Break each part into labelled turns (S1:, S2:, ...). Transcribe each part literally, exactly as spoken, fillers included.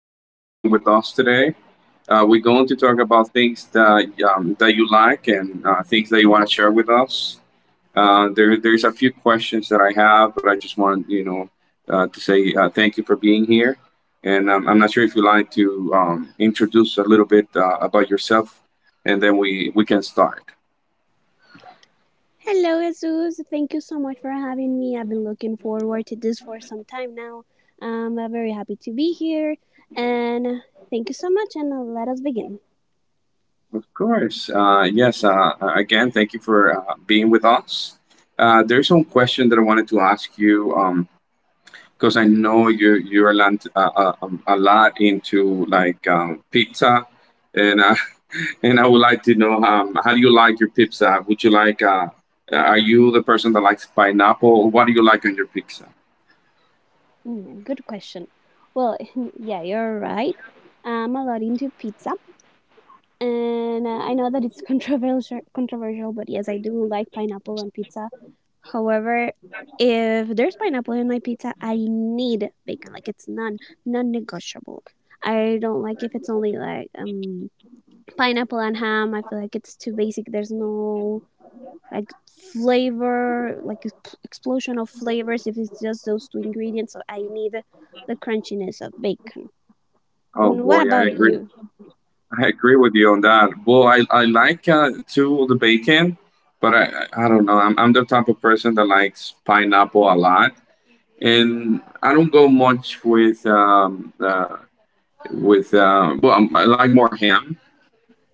S1: Thank you for being with us today. Uh, we're going to talk about things that um, that you like and uh, things that you want to share with us. Uh, there, there's a few questions that I have, but I just want you know uh, to say uh, thank you for being here. And um, I'm not sure if you'd like to um, introduce a little bit uh, about yourself, and then we we can start.
S2: Hello, Jesus. Thank you so much for having me. I've been looking forward to this for some time now. Um, I'm very happy to be here, and thank you so much. And uh, let us begin.
S1: Of course. Uh, yes. Uh, Again, thank you for uh, being with us. Uh, there's some question that I wanted to ask you. Um, because I know you you're land, uh, uh, um, a lot into like um, pizza, and uh, and I would like to know um, how do you like your pizza? Would you like uh, uh, are you the person that likes pineapple? What do you like on your pizza?
S2: Mm, good question. Well, yeah, you're right. I'm a lot into pizza, and uh, I know that it's controversial. Controversial, but yes, I do like pineapple on pizza. However, if there's pineapple in my pizza, I need bacon. Like, it's non non-negotiable. I don't like if it's only like um pineapple and ham. I feel like it's too basic. There's no like flavor, like explosion of flavors if it's just those two ingredients. So I need the crunchiness of bacon.
S1: Oh
S2: And what
S1: boy, I
S2: about
S1: agree.
S2: you?
S1: I agree with you on that. Well, I, I like uh, too the bacon, but I I I don't know. I'm I'm the type of person that likes pineapple a lot, and I don't go much with um uh, with uh, well I like more ham,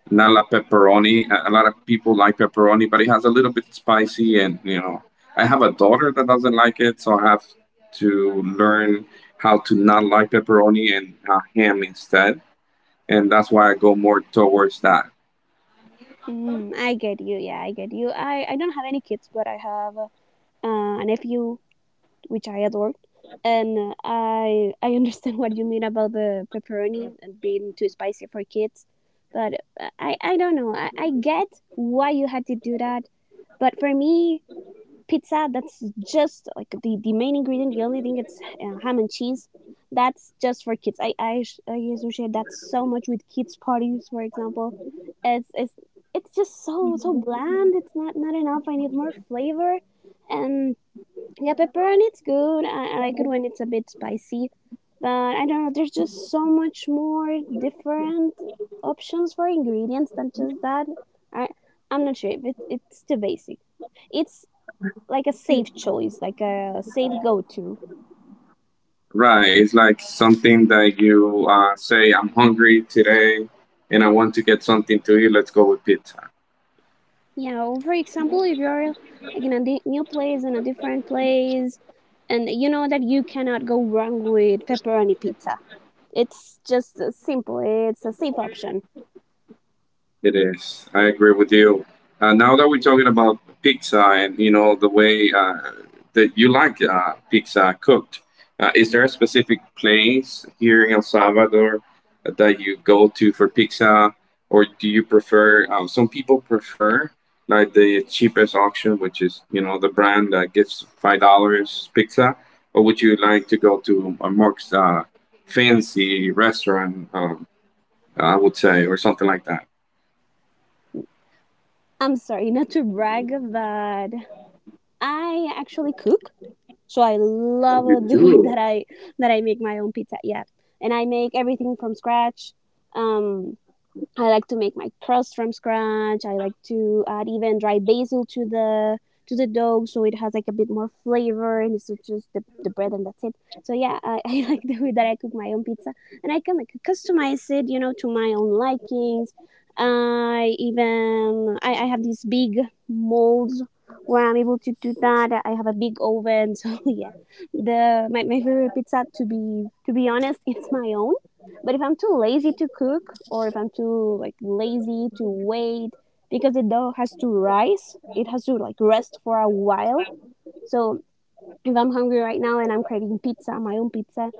S1: not like pepperoni. A a lot of people like pepperoni, but it has a little bit spicy, and you know, I have a daughter that doesn't like it, so I have to learn how to not like pepperoni and uh, ham instead, and that's why I go more towards that.
S2: Mm, I get you. Yeah, I get you. I, I don't have any kids, but I have uh, a nephew which I adore. And uh, I I understand what you mean about the pepperoni and being too spicy for kids, but I I don't know. I, I get why you had to do that, but for me, pizza that's just like the the main ingredient. The only thing, it's uh, ham and cheese. That's just for kids. I I, I associate that so much with kids parties, for example. It's it's it's just so so bland. It's not not enough. I need more flavor, and yeah, pepper and it's good. I, I like it when it's a bit spicy, but I don't know. There's just so much more different options for ingredients than just that. I I'm not sure if it, it's too basic. It's like a safe choice, like a safe go-to.
S1: Right? It's like something that you uh, say, "I'm hungry today, and I want to get something to eat. Let's go with pizza."
S2: Yeah. Know, for example, if you're like in a di- new place and a different place, and you know that you cannot go wrong with pepperoni pizza. It's just uh, simple. It's a safe option.
S1: It is. I agree with you. Uh, now that we're talking about pizza and you know the way uh, that you like uh, pizza cooked, uh, is there a specific place here in El Salvador that you go to for pizza, or do you prefer? Um, some people prefer like the cheapest option, which is you know the brand that gives five dollars pizza, or would you like to go to a more uh, fancy restaurant? Um, I would say, or something like that.
S2: I'm sorry, not to brag, but I actually cook, so I love the way that I that I make my own pizza. Yeah, and I make everything from scratch. Um, I like to make my crust from scratch. I like to add even dry basil to the to the dough, so it has like a bit more flavor and it's just the, the bread and that's it. So yeah, I, I like the way that I cook my own pizza, and I can like customize it, you know, to my own likings. I even I, I have these big molds where I'm able to do that. I have a big oven, so yeah. The my, my favorite pizza, to be to be honest, it's my own. But if I'm too lazy to cook, or if I'm too like lazy to wait because the dough has to rise, it has to like rest for a while. So if I'm hungry right now and I'm craving pizza, my own pizza,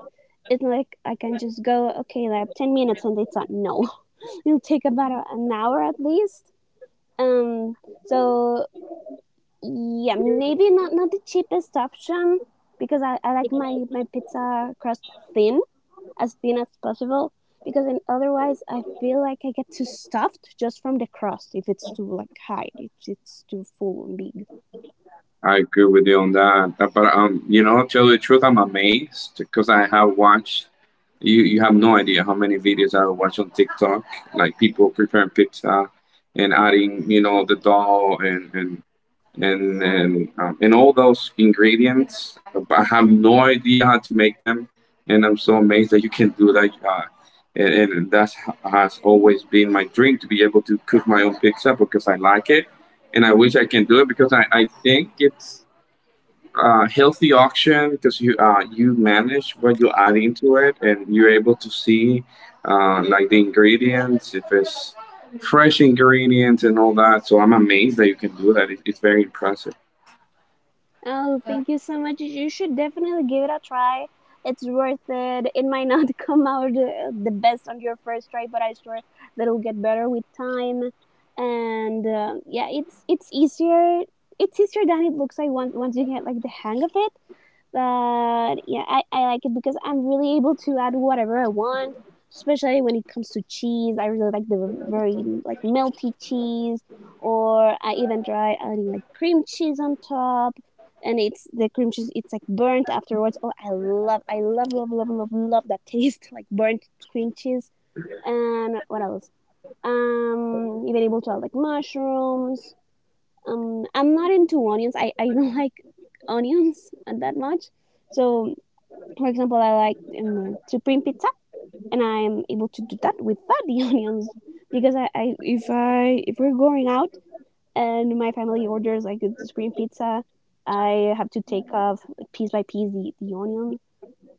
S2: it's not like I can just go, okay, I have ten minutes and it's done. No, it'll take about a- an hour at least. Um, so yeah, maybe not, not the cheapest option, because I, I like my, my pizza crust thin, as thin as possible, because in otherwise I feel like I get too stuffed just from the crust if it's too like high, if it's too full and big.
S1: I agree with you on that. Uh, But um, you know, tell you the truth, I'm amazed because I have watched. You you have no idea how many videos I watch on TikTok, like people preparing pizza and adding, you know, the dough and and and and, um, and all those ingredients. But I have no idea how to make them, and I'm so amazed that you can do that. Uh, and, and that has always been my dream to be able to cook my own pizza because I like it and I wish I can do it because I, I think it's uh, healthy auction because you uh, you manage what you add into it and you're able to see uh, like the ingredients if it's fresh ingredients and all that. So I'm amazed that you can do that. It, it's very impressive.
S2: Oh, thank you so much. You should definitely give it a try. It's worth it. It might not come out uh, the best on your first try, but I swear that it'll get better with time. And uh, yeah, it's it's easier. It's easier than it looks like once once you get like the hang of it. But yeah, I, I like it because I'm really able to add whatever I want, especially when it comes to cheese. I really like the very like melty cheese, or I even try adding like cream cheese on top, and it's the cream cheese. It's like burnt afterwards. Oh, I love, I love, love, love, love, love that taste, like burnt cream cheese. And what else? Um, even able to add like mushrooms. Um, I'm not into onions. I I don't like onions that much. So for example, I like um, supreme pizza, and I am able to do that without the onions. Because I, I if I if we're going out and my family orders like a supreme pizza, I have to take off like, piece by piece, the, the onion,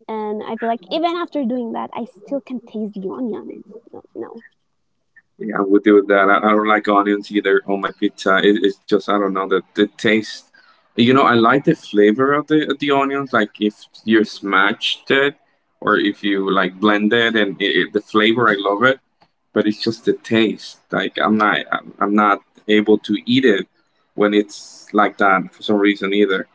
S2: and I feel like even after doing that, I still can taste the onion. It's no, no.
S1: Yeah, I would do that. I, I don't like onions either on my pizza. It, it's just I don't know, the, the taste you know. I like the flavor of the, of the onions, like if you smashed it or if you like blend it and it, it- the flavor I love it, but it's just the taste. Like I'm not, I'm, I'm not able to eat it when it's like that for some reason either.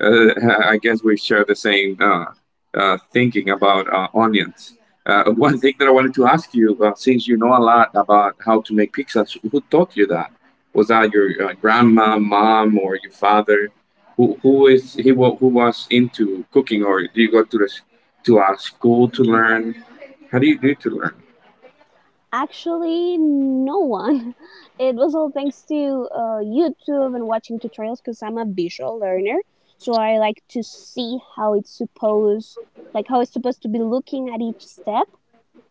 S1: Uh, I guess we share the same uh, uh, thinking about uh, onions. Uh, one thing that I wanted to ask you, uh, since you know a lot about how to make pizzas, who taught you that? Was that your uh, grandma, mom, or your father? Who who is he? wa- Who was into cooking, or do you go to the s- to a school to learn? How do you do to learn?
S2: Actually, no one. It was all thanks to uh, YouTube and watching tutorials, because I'm a visual learner, so I like to see how it's supposed, like how it's supposed to be, looking at each step.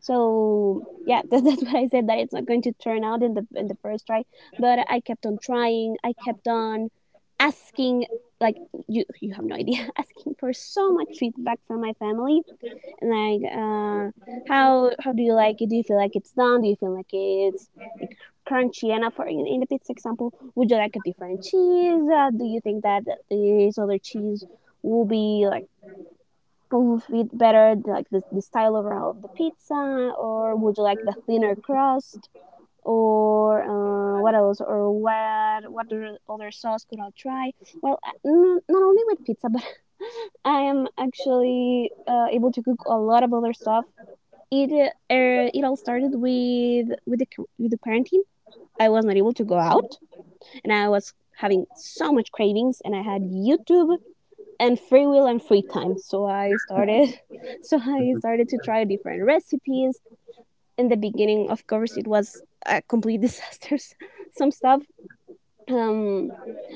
S2: So yeah, that, that's what I said, that it's not going to turn out in the in the first try, but I kept on trying. I kept on asking, like, you you have no idea, asking for so much feedback from my family, like uh, how how do you like it? Do you feel like it's done? Do you feel like it's like crunchy enough for in, in the pizza example? Would you like a different cheese? Uh, do you think that this other cheese will be like fit better like the, the style overall of the pizza, or would you like the thinner crust? Or uh, what else? Or what? What other sauce could I try? Well, not only with pizza, but I am actually uh, able to cook a lot of other stuff. It uh, it all started with with the with the quarantine. I was not able to go out, and I was having so much cravings, and I had YouTube and free will and free time. So I started, so I started to try different recipes. In the beginning, of course, it was a complete disaster. Some stuff um,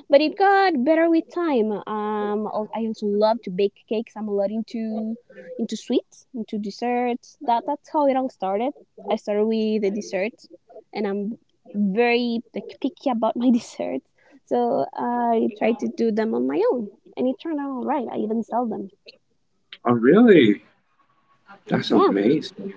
S2: but it got better with time. Um, I also love to bake cakes. I'm a lot into into sweets, into desserts. That that's how it all started. I started with the desserts, and I'm very like picky about my desserts. So I tried to do them on my own, and it turned out all right. I even sell them.
S1: Oh, really? That's
S2: Yeah,
S1: amazing.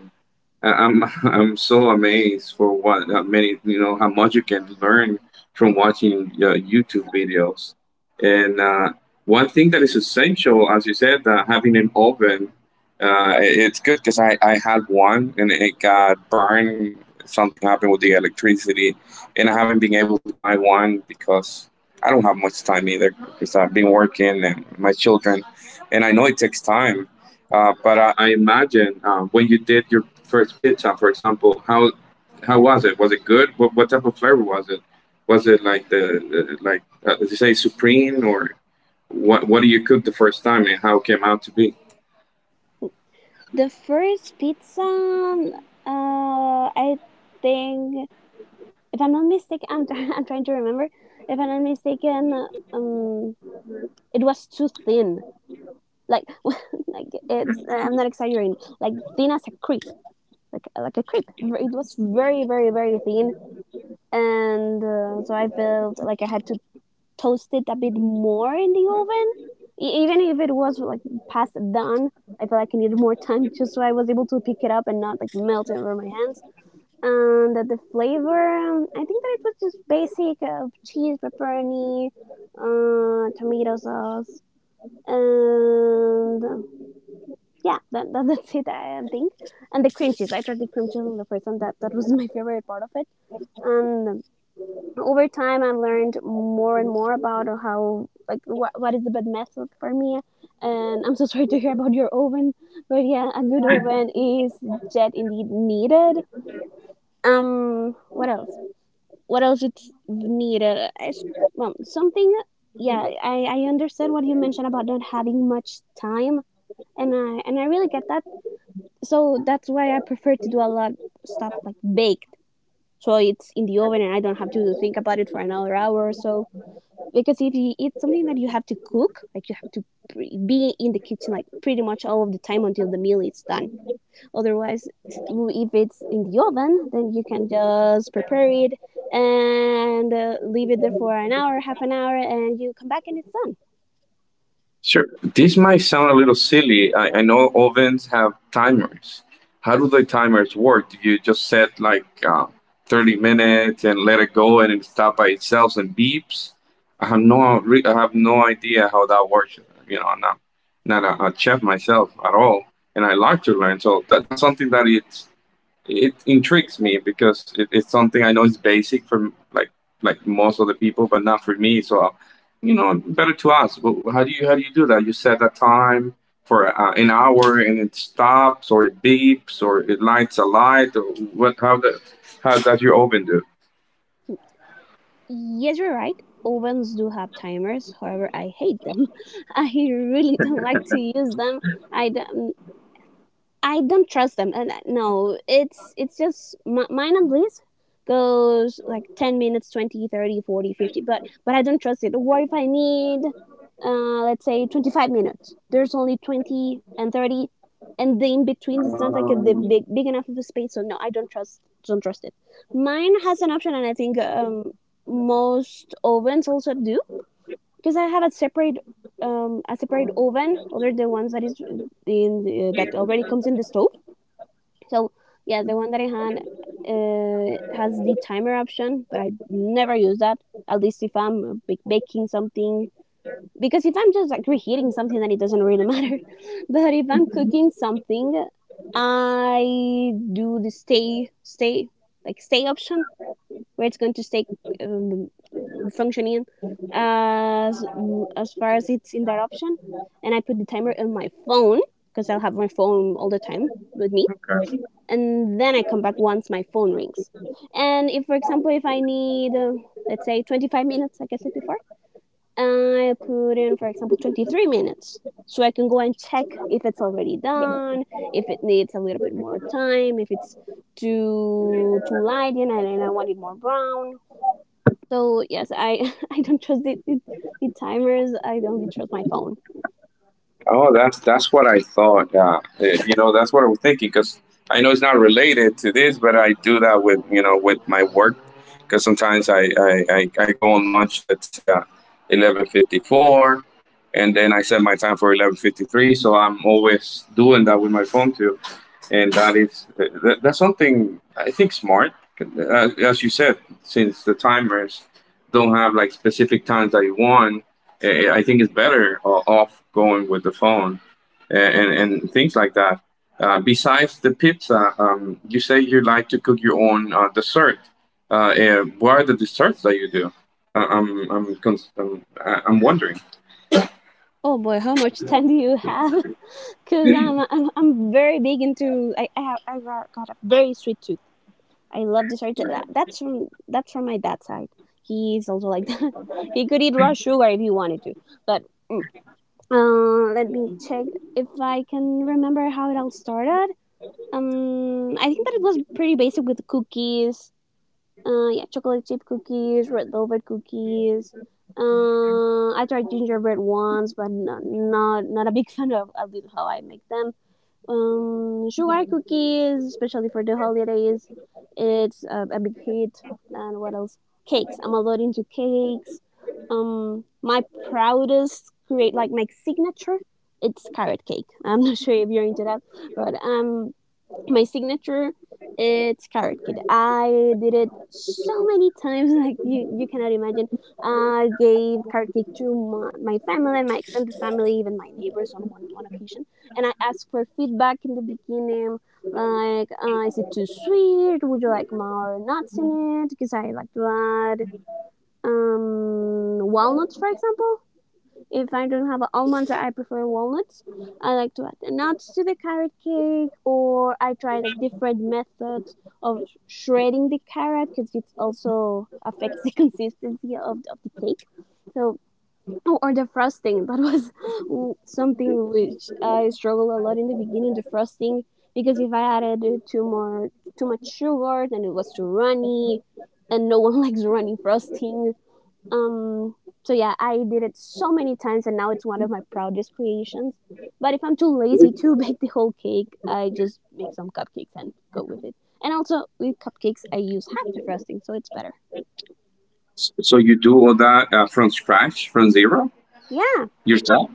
S1: I- I'm I'm so amazed for what uh, many you know how much you can learn from watching uh, YouTube videos. And uh, one thing that is essential, as you said, uh, having an oven, uh, it- it's good because I, I had one and it got burned. Something happened with the electricity, and I haven't been able to buy one because I don't have much time either because I've been working and my children, and I know it takes time uh, but I, I imagine um, when you did your first pizza, for example, how how was it? Was it good? What what type of flavor was it? Was it like the uh, like uh, did you say supreme or what? What do you cook the first time and how it came out to be?
S2: the first pizza, uh, I think, if I'm not mistaken, I'm I'm trying to remember. If I'm not mistaken, um it was too thin. Like, like it's, I'm not exaggerating, like thin as a creep. Like like a creep. It was very very very thin, and uh, so I felt like I had to toast it a bit more in the oven. E- even if it was like past done, I felt like I needed more time just so I was able to pick it up and not like melt it over my hands. And the flavor, um, I think that it was just basic, of cheese, pepperoni, uh, tomato sauce, and yeah, that, that that's it. I think. And the cream cheese. I tried the cream cheese on the first time. That that was my favorite part of it. And over time, I've learned more and more about how, like, what what is the best method for me. And I'm so sorry to hear about your oven, but yeah, a good oven is jet indeed needed. Um, what else? What else it's needed? I s Well, something. Yeah, I I understand what you mentioned about not having much time, and I and I really get that. So that's why I prefer to do a lot of stuff like baked. So it's in the oven and I don't have to think about it for another hour or so. Because if you eat something that you have to cook, like, you have to be in the kitchen like pretty much all of the time until the meal is done. Otherwise, if it's in the oven, then you can just prepare it and uh, leave it there for an hour, half an hour, and you come back and it's done.
S1: Sure. This might sound a little silly. I, I know ovens have timers. How do the timers work? Do you just set like uh, thirty minutes and let it go and it stops by itself and beeps? I have no re- I have no idea how that works. You know, I'm not not a, a chef myself at all, and I like to learn. So that, that's something that it's it intrigues me because it, it's something I know is basic for like like most of the people, but not for me. So, you know, better to ask. Wh- How do you how do you do that? You set a time for uh, an hour, and it stops, or it beeps, or it lights a light, or what? How the how does your oven do?
S2: Yes, you're right. Ovens do have timers. However, I hate them. I really don't like to use them. I don't. I don't trust them. And uh, no, it's it's just my, mine and Liz goes like ten minutes, twenty, thirty, forty, fifty. but but I don't trust it. What if I need uh let's say twenty-five minutes? There's only twenty and thirty, and the in between, it's not like a, the big big enough of a space. So no, I don't trust don't trust it. Mine has an option, and I think um most ovens also do because I have a separate um, a separate oven other than the ones that is in the, that already comes in the stove. So yeah, the one that I had uh, has the timer option, but I never use that. At least if I'm baking something, because if I'm just like reheating something, then it doesn't really matter. But if I'm cooking something, I do the stay stay like stay option where it's going to stay um, functioning as as far as it's in that option, and I put the timer on my phone because I'll have my phone all the time with me, and then I come back once my phone rings. And if, for example, if I need, uh, let's say, twenty-five minutes, like I said before, I put in, for example, twenty-three minutes. So I can go and check if it's already done, if it needs a little bit more time, if it's too too light and I, and I want it more brown. So yes, I I don't trust the, the, the timers. I only trust my phone.
S1: Oh, that's that's what I thought. Yeah, Eh, you know, that's what I was thinking because I know it's not related to this, but I do that with you know with my work because sometimes I, I, I, I go on lunch, let's say uh, eleven fifty four, and then I set my time for eleven fifty three. So I'm always doing that with my phone too and that is that, that's something I think smart. Uh, as you said, since the timers don't have like specific times that you want, eh, eh, I think it's better o- off going with the phone and and, and things like that. Uh, besides the pizza, um, you say you like to cook your own uh, dessert. Uh, and what are the desserts that you do? Uh, I'm I'm cons- I'm, I- I'm wondering.
S2: Oh boy, how much time do you have? Cause I'm I'm I'm very big into I I have I got a very sweet tooth. I love dessert. That's from that's from my dad's side. He's also like that. He could eat raw sugar if he wanted to. But mm, uh, let me check if I can remember how it all started. Um, I think that it was pretty basic with cookies. Uh, yeah, chocolate chip cookies, red velvet cookies. Uh, I tried gingerbread ones, but not not not a big fan of, of how I make them. Um, sugar cookies, especially for the holidays, it's a, a big hit. And what else? Cakes. I'm a lot into cakes. Um, my proudest create like my signature. It's carrot cake. I'm not sure if you're into that, but um, my signature, it's carrot cake. I did it so many times like you, you cannot imagine. I gave carrot cake to my, my family, my extended family, even my neighbors on one, one occasion, and I asked for feedback in the beginning, like uh, is it too sweet, would you like more nuts in it, because I like to add um, walnuts, for example. If I don't have almonds, I prefer walnuts. I like to add the nuts to the carrot cake, or I try like different methods of shredding the carrot because it also affects the consistency of, of the cake. So, oh, or the frosting. That was something which I struggled a lot in the beginning. The frosting, because if I added too more too much sugar, then it was too runny, and no one likes runny frosting. Um, so yeah, I did it so many times, and now it's one of my proudest creations. But if I'm too lazy to bake the whole cake, I just make some cupcakes and go with it. And also with cupcakes, I use half the frosting, so it's better.
S1: S- So you do all that uh, from scratch, from zero
S2: Yeah,
S1: yourself?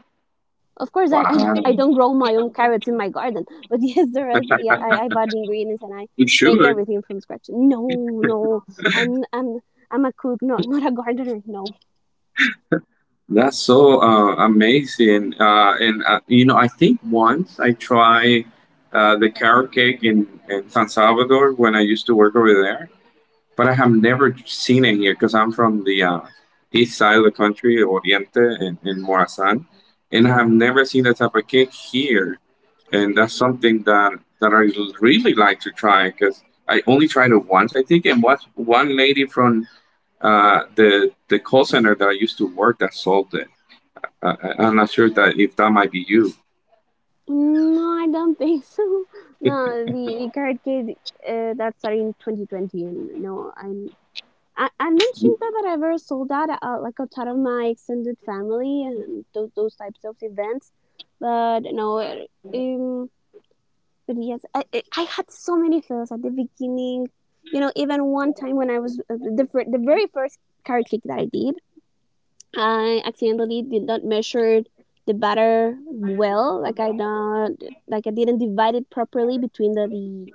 S2: of course, I
S1: Wow,
S2: I, I don't grow my own carrots in my garden, but yes, the rest, yeah, I, I buy the ingredients and I
S1: good
S2: make
S1: shooter.
S2: everything from scratch. No, no, I'm I'm I'm a cook, not not a gardener. No.
S1: That's so uh, amazing. Uh, and, uh, you know, I think once I tried uh, the carrot cake in, in San Salvador when I used to work over there, but I have never seen it here because I'm from the uh, east side of the country, Oriente, in, in Morazan. And I have never seen that type of cake here. And that's something that, that I really like to try because I only tried it once, I think. And was one lady from uh, the, the call center that I used to work that sold it. I, I- I'm not sure that if that might be you.
S2: No, I don't think so. No, the the Karate Kid uh, that started in twenty twenty, and no, I'm I, am I I do not think that I ever saw that uh, like outside of my extended family and those those types of events, but no, uh, um, but yes, I I I had so many feels at the beginning. You know, even one time when I was uh, the the fir- the very first Karate Kid that I did, I accidentally did not measure the batter well. Like I not like I didn't divide it properly between the the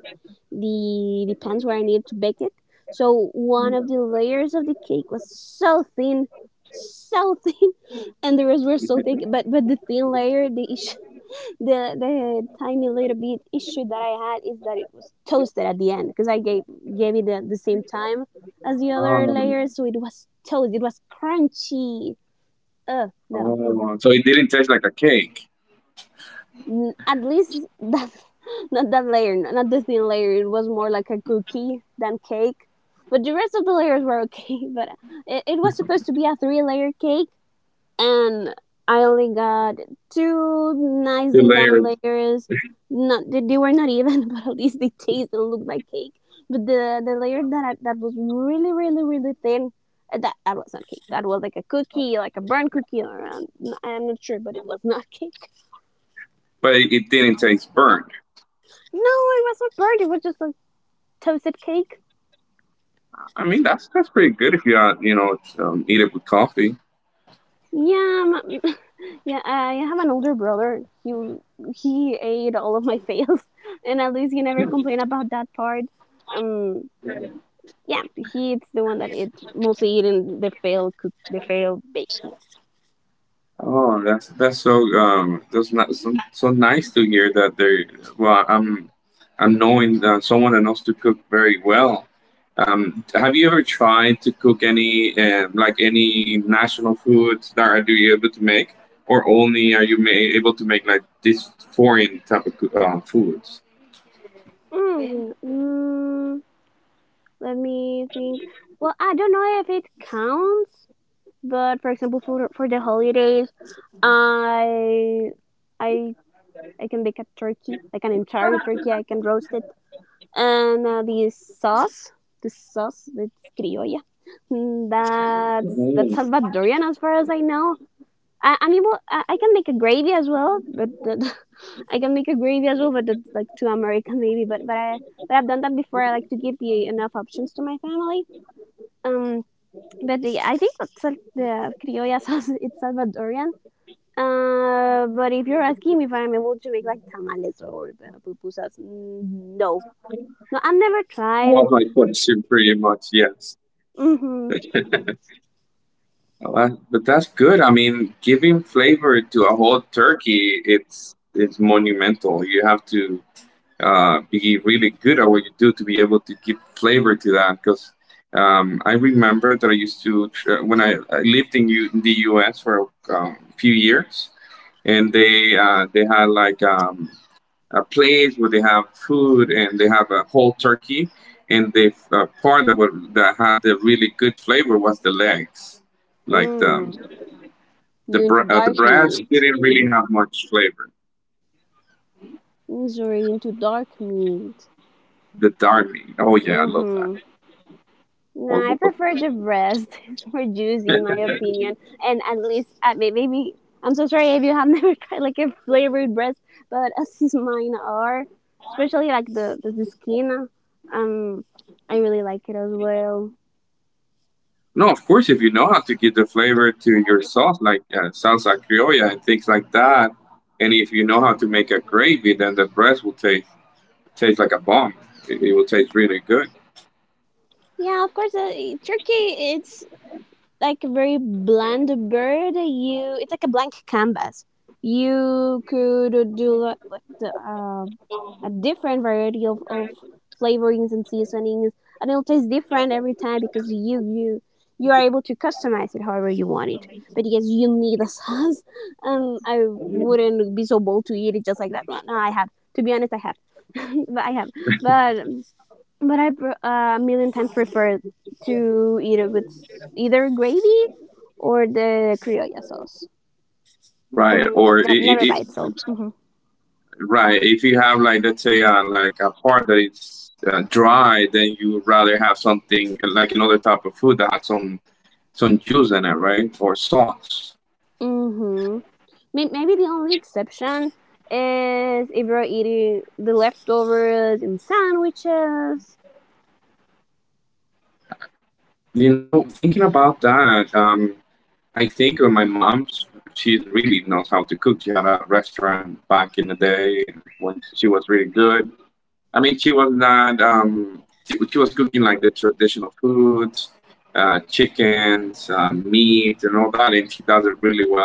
S2: the, the pans where I needed to bake it. So one of the layers of the cake was so thin, so thin, and the rest were so thick. But but the thin layer, the issue, the the tiny little bit issue that I had is that it was toasted at the end because I gave gave it the, the same time as the other
S1: Oh,
S2: layers, so it was toast. It was crunchy uh no,
S1: oh. So it didn't taste like a cake.
S2: at least that, not that layer, not the thin layer. It was more like a cookie than cake, but the rest of the layers were okay. But it, it was supposed to be a three layer cake, and I only got two
S1: Two
S2: nicely done
S1: layers,
S2: layers. Not they, they were not even, but at least they taste and look like cake. But the the layer that I, that was really really really thin, uh, that that was not cake, that was like a cookie, like a burnt cookie, or um, I'm not sure, but it was not cake.
S1: but it didn't taste burnt.
S2: No, it was not burnt. It was just a toasted cake.
S1: I mean, that's that's pretty good if you uh, you know um, eat it with coffee.
S2: Yeah, m- yeah. I have an older brother. He he ate all of my fails, and at least he never complained about that part. Um, yeah, he's the one that ate, mostly eating the failed cook, the failed baking.
S1: Oh, that's that's so um that's not so, so nice to hear that. They well I'm I'm knowing uh, someone that knows to cook very well. Um, have you ever tried to cook any um, like any national foods that are you able to make, or only are you ma- able to make like this foreign type of coo- uh, foods?
S2: Mm, mm, let me think. Well, I don't know if it counts, but for example, for for the holidays, I I I can bake a turkey, like an entire turkey. I can roast it. And uh, the sauce, the sauce, it's criolla. Mm, that's that's
S1: Mm.
S2: Salvadorian as far as I know. I, I'm able. I, I can make a gravy as well, but that, I can make a gravy as well, but that's like too American maybe. But but I but I've done that before. I like to give the enough options to my family. Um, but the, I think that's uh, the criolla sauce. It's Salvadorian. Uh, but if you're asking me if I'm able to make like tamales or uh, pupusas, mm, no, no, I've never
S1: All
S2: tried.
S1: of my foods, pretty much, yes.
S2: Mm-hmm.
S1: Uh, but that's good. I mean, giving flavor to a whole turkey, it's it's monumental. You have to uh, be really good at what you do to be able to give flavor to that. Because um, I remember that I used to tr- when I, I lived in, U- in the U S for a um, few years, and they uh, they had like um, a place where they have food and they have a whole turkey, and the uh, part that was that had the really good flavor was the legs like the um,
S2: Mm,
S1: the
S2: You into
S1: br- uh, the
S2: dark
S1: brats
S2: meat?
S1: didn't really
S2: Mm-hmm.
S1: have much flavor.
S2: Mm, sorry, into dark meat.
S1: The dark meat. Oh yeah, I love that.
S2: Mm-hmm.
S1: Or
S2: Nah, I prefer the breast. It's more juicy, in my opinion, and at least uh, may- maybe I'm so sorry if you have never tried like a flavored breast, but as is mine are, especially like the the, the skin. Um, I really like it as well.
S1: no, of course, if you know how to give the flavor to your sauce, like uh, salsa criolla and things like that, and if you know how to make a gravy, then the breast will taste taste like a bomb. It, it will taste really good,
S2: Yeah, of course. Uh, Turkey, it's like a very bland bird. You, it's like a blank canvas. You could do like, like the, uh, a different variety of, of flavorings and seasonings, and it'll taste different every time because you you you are able to customize it however you want it. But yes, you need a sauce, and I wouldn't be so bold to eat it just like that. No, no, I have. To be honest, I have. but I have. But um, but I pr- uh, a million times prefer to eat it with s- either gravy or the criolla sauce, but
S1: right? Or it,
S2: ne-
S1: it,
S2: never by itself.
S1: it,
S2: Hmm.
S1: right, if you have like let's say uh, like a part that is uh, dry, then you would rather have something uh, like another type of food that has some some juice in it, right? Or sauce.
S2: Mm-hmm. May- Maybe the only exception is if you're eating the leftovers in sandwiches.
S1: You know, thinking about that, um, I think of my mom's. She really knows how to cook. She had a restaurant back in the day when she was really good. I mean, she was not. Um, she, she was cooking like the traditional foods, uh, chickens, uh, meat, and all that, and she does it really well.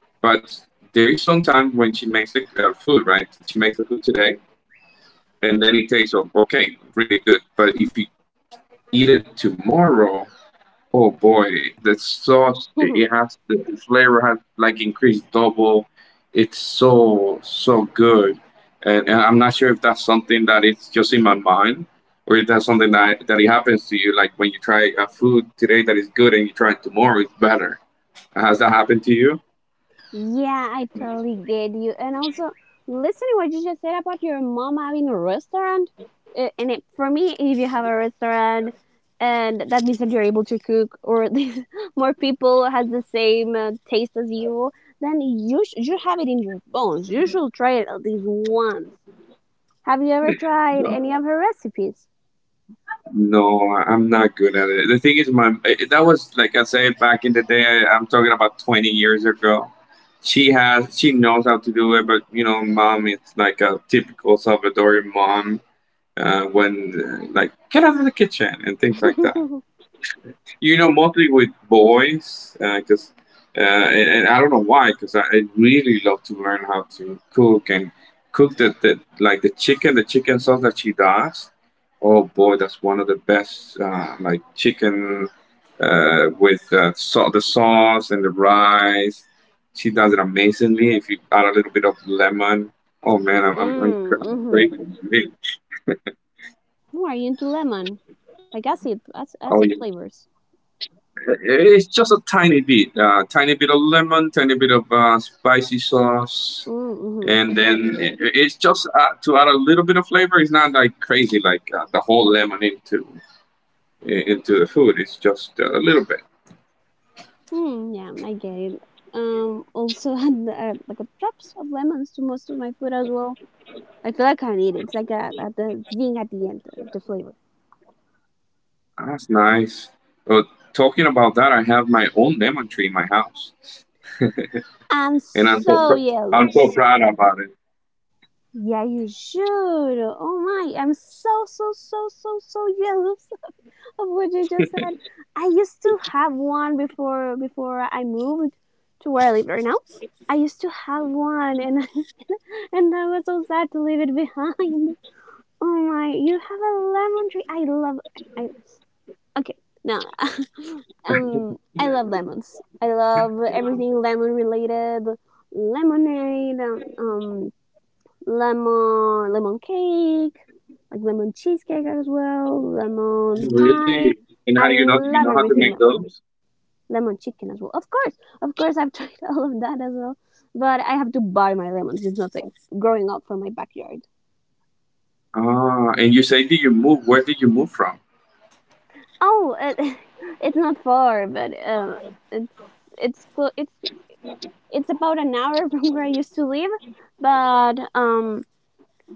S1: But there is sometimes when she makes the uh, food, right? She makes the food today, and then it tastes oh, okay, really good. But if you eat it tomorrow, oh boy, the sauce it it has the the flavor has like increased double. It's so so good, and, and I'm not sure if that's something that it's just in my mind, or if that's something that that it happens to you. Like when you try a food today that is good and you try it tomorrow, it's better. Has that happened to you?
S2: Yeah, I totally get you. And also, listening what you just said about your mom having a restaurant, uh, and it, for me, if you have a restaurant, and that means that you're able to cook, or these more people has the same uh, taste as you, then you sh- you have it in your bones. You should try it at least once. Have you ever tried any of her recipes?
S1: No, I'm not good at it. The thing is, my eh, eh, that was like I said back in the day. I, I'm talking about twenty years ago. She has, she knows how to do it, but you know, mom, it's like a typical Salvadorian mom. Uh, when uh, like get out of the kitchen and things like that, you know, mostly with boys, because uh, 'cause, uh, and, and I don't know why, because I, I really love to learn how to cook and cook the, the like the chicken, the chicken sauce that she does. Oh boy, that's one of the best uh, like chicken uh, with uh, so- the sauce and the rice. She does it amazingly. If you add a little bit of lemon, oh man, I'm
S2: Mm,
S1: I'm, I'm cra- I'm
S2: mm-hmm.
S1: craving it.
S2: Oh, are you into lemon? Like acid, ac-
S1: Oh yeah.
S2: acid flavors.
S1: It's just a tiny bit, uh, tiny bit of lemon, tiny bit of uh, spicy sauce,
S2: Mm, mm-hmm.
S1: and then it, it's just uh, to add a little bit of flavor. It's not like crazy, like uh, the whole lemon into into the food. It's just a little bit.
S2: Hmm, yeah, I get it. Um, also add uh, like a drops of lemons to most of my food as well. I feel like I need it. It's like a, a the thing at the end, the, the flavor.
S1: That's nice. But talking about that, I have my own lemon tree in my house,
S2: I'm
S1: and I'm so
S2: so
S1: pr- I'm so
S2: jealous.
S1: proud about it.
S2: Yeah, you should. Oh my, I'm so so so so so jealous of what you just said. I used to have one before before I moved to where I live right now. I used to have one, and and I was so sad to leave it behind. Oh my, you have a lemon tree. I love. I, I okay. Now. um, I love lemons. I love everything lemon related. Lemonade, um, um, lemon, lemon cake, like lemon cheesecake as well, lemon
S1: Really?
S2: pie.
S1: And how
S2: I
S1: do you know? You
S2: love
S1: know how to
S2: everything
S1: make
S2: lemon.
S1: those?
S2: Lemon chicken as well. Of course, of course, I've tried all of that as well. But I have to buy my lemons. It's not like growing up from my backyard.
S1: Ah, and you say, did you move? Where did you move from?
S2: Oh, uh, it's not far, but um, it's it's clo- it's it's about an hour from where I used to live, but um,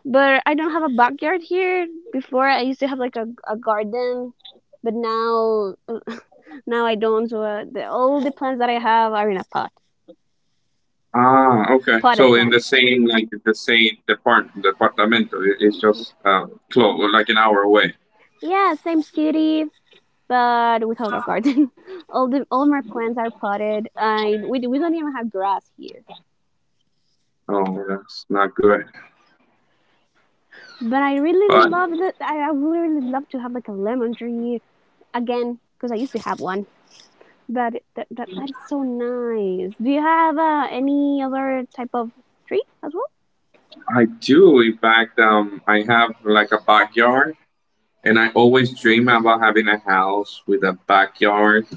S2: but I don't have a backyard here. Before I used to have like a, a garden, but now now I don't. So uh, the, all the plants that I have are in a pot,
S1: Ah, okay.
S2: potted
S1: So in the
S2: plants.
S1: same, like the same depart departamento, it, it's just uh, close, like an hour away.
S2: Yeah, same city, but without a garden. all the all my plants are potted. I we we don't even have grass here.
S1: Oh, that's not good.
S2: But I really
S1: But
S2: love that. I, would really really love to have like a lemon tree again because I used to have one. But that, that, that is so nice. Do you have uh, any other type of tree as well?
S1: I do. In fact, um, I have like a backyard, and I always dream about having a house with a backyard.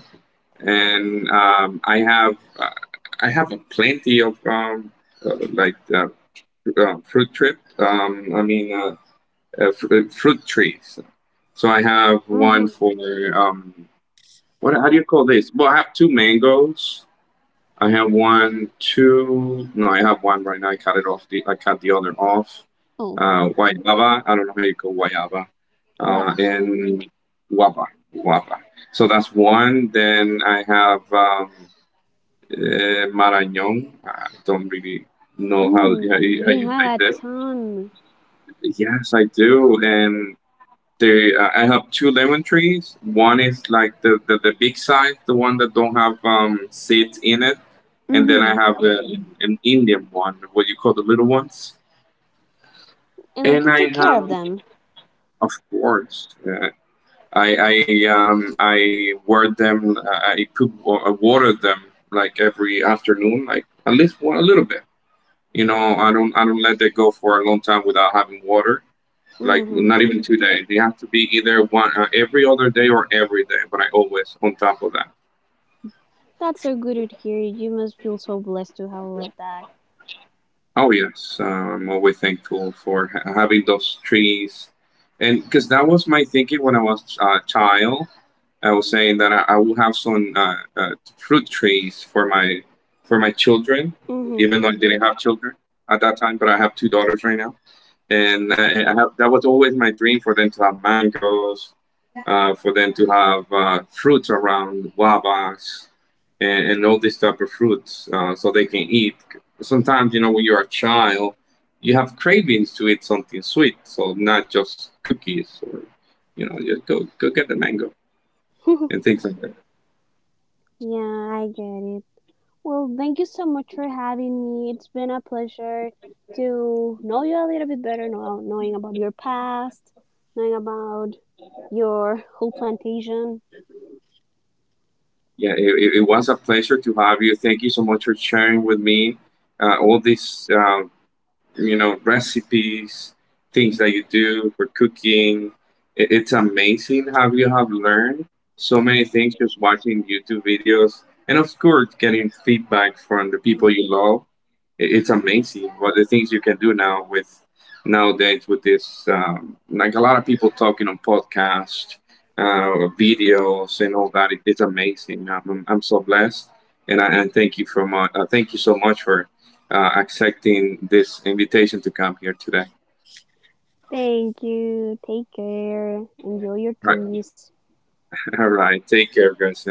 S1: And um, I have, uh, I have plenty of um, uh, like uh, uh, fruit trip. Um, I mean, uh, uh, fr- fruit trees. So I have one
S2: Mm-hmm.
S1: for um, What? How do you call this? Well, I have two mangoes. I have one, two. No, I have one right now. I cut it off. The I cut the other off.
S2: Oh,
S1: Uh, guayaba. I don't know how you call guayaba. Uh,
S2: guava.
S1: and guava, guava. So that's one. Then I have um, uh, marañón. I don't really know how
S2: Mm,
S1: how you, how
S2: you
S1: you say
S2: have a
S1: that.
S2: ton.
S1: Yes, I do. And they, uh, I have two lemon trees. One is like the, the, the big size, the one that don't have um, seeds in it, and then I
S2: Mm-hmm.
S1: have a, an Indian one, what you call the little ones.
S2: And like
S1: And
S2: you
S1: I
S2: take care of
S1: have,
S2: them.
S1: of course, uh, I I um I water them. uh, I put I water them like every afternoon, like at least one a little bit. You know, I don't I don't let it go for a long time without having water. Like
S2: Mm-hmm.
S1: not even two days. They have to be either one uh, every other day or every day. But I always on top of that.
S2: That's so good to hear. You must feel so blessed to have all of that.
S1: Oh yes, uh, I'm always thankful for ha- having those trees, and because that was my thinking when I was a child. I was saying that I, I will have some uh, uh, fruit trees for my for my children,
S2: Mm-hmm.
S1: even though I didn't have children at that time. But I have two daughters right now and I, I have, that was always my dream for them to have mangoes, uh, for them to have uh, fruits around guavas and, and all these type of fruits uh, so they can eat. Sometimes you know when you're a child, you have cravings to eat something sweet, so not just cookies or you know just go go get the mango and things like that.
S2: Yeah, I get it. Well, thank you so much for having me. It's been a pleasure to know you a little bit better, know, knowing about your past, knowing about your whole plantation.
S1: Yeah, it, it it was a pleasure to have you. Thank you so much for sharing with me uh, all these uh, you know recipes things that you do for cooking. It, it's amazing how you have learned so many things just watching YouTube videos and of course getting feedback from the people you love it. It's amazing what the things you can do now with nowadays with this. Um, like a lot of people talking on podcasts, uh, videos, and all that. It, it's amazing. I'm, I'm I'm so blessed, and I and thank you for much. Uh, thank you so much for uh, accepting this invitation to come here today.
S2: Thank you. Take care. Enjoy your
S1: Right.
S2: trees.
S1: All right. Take care, guys.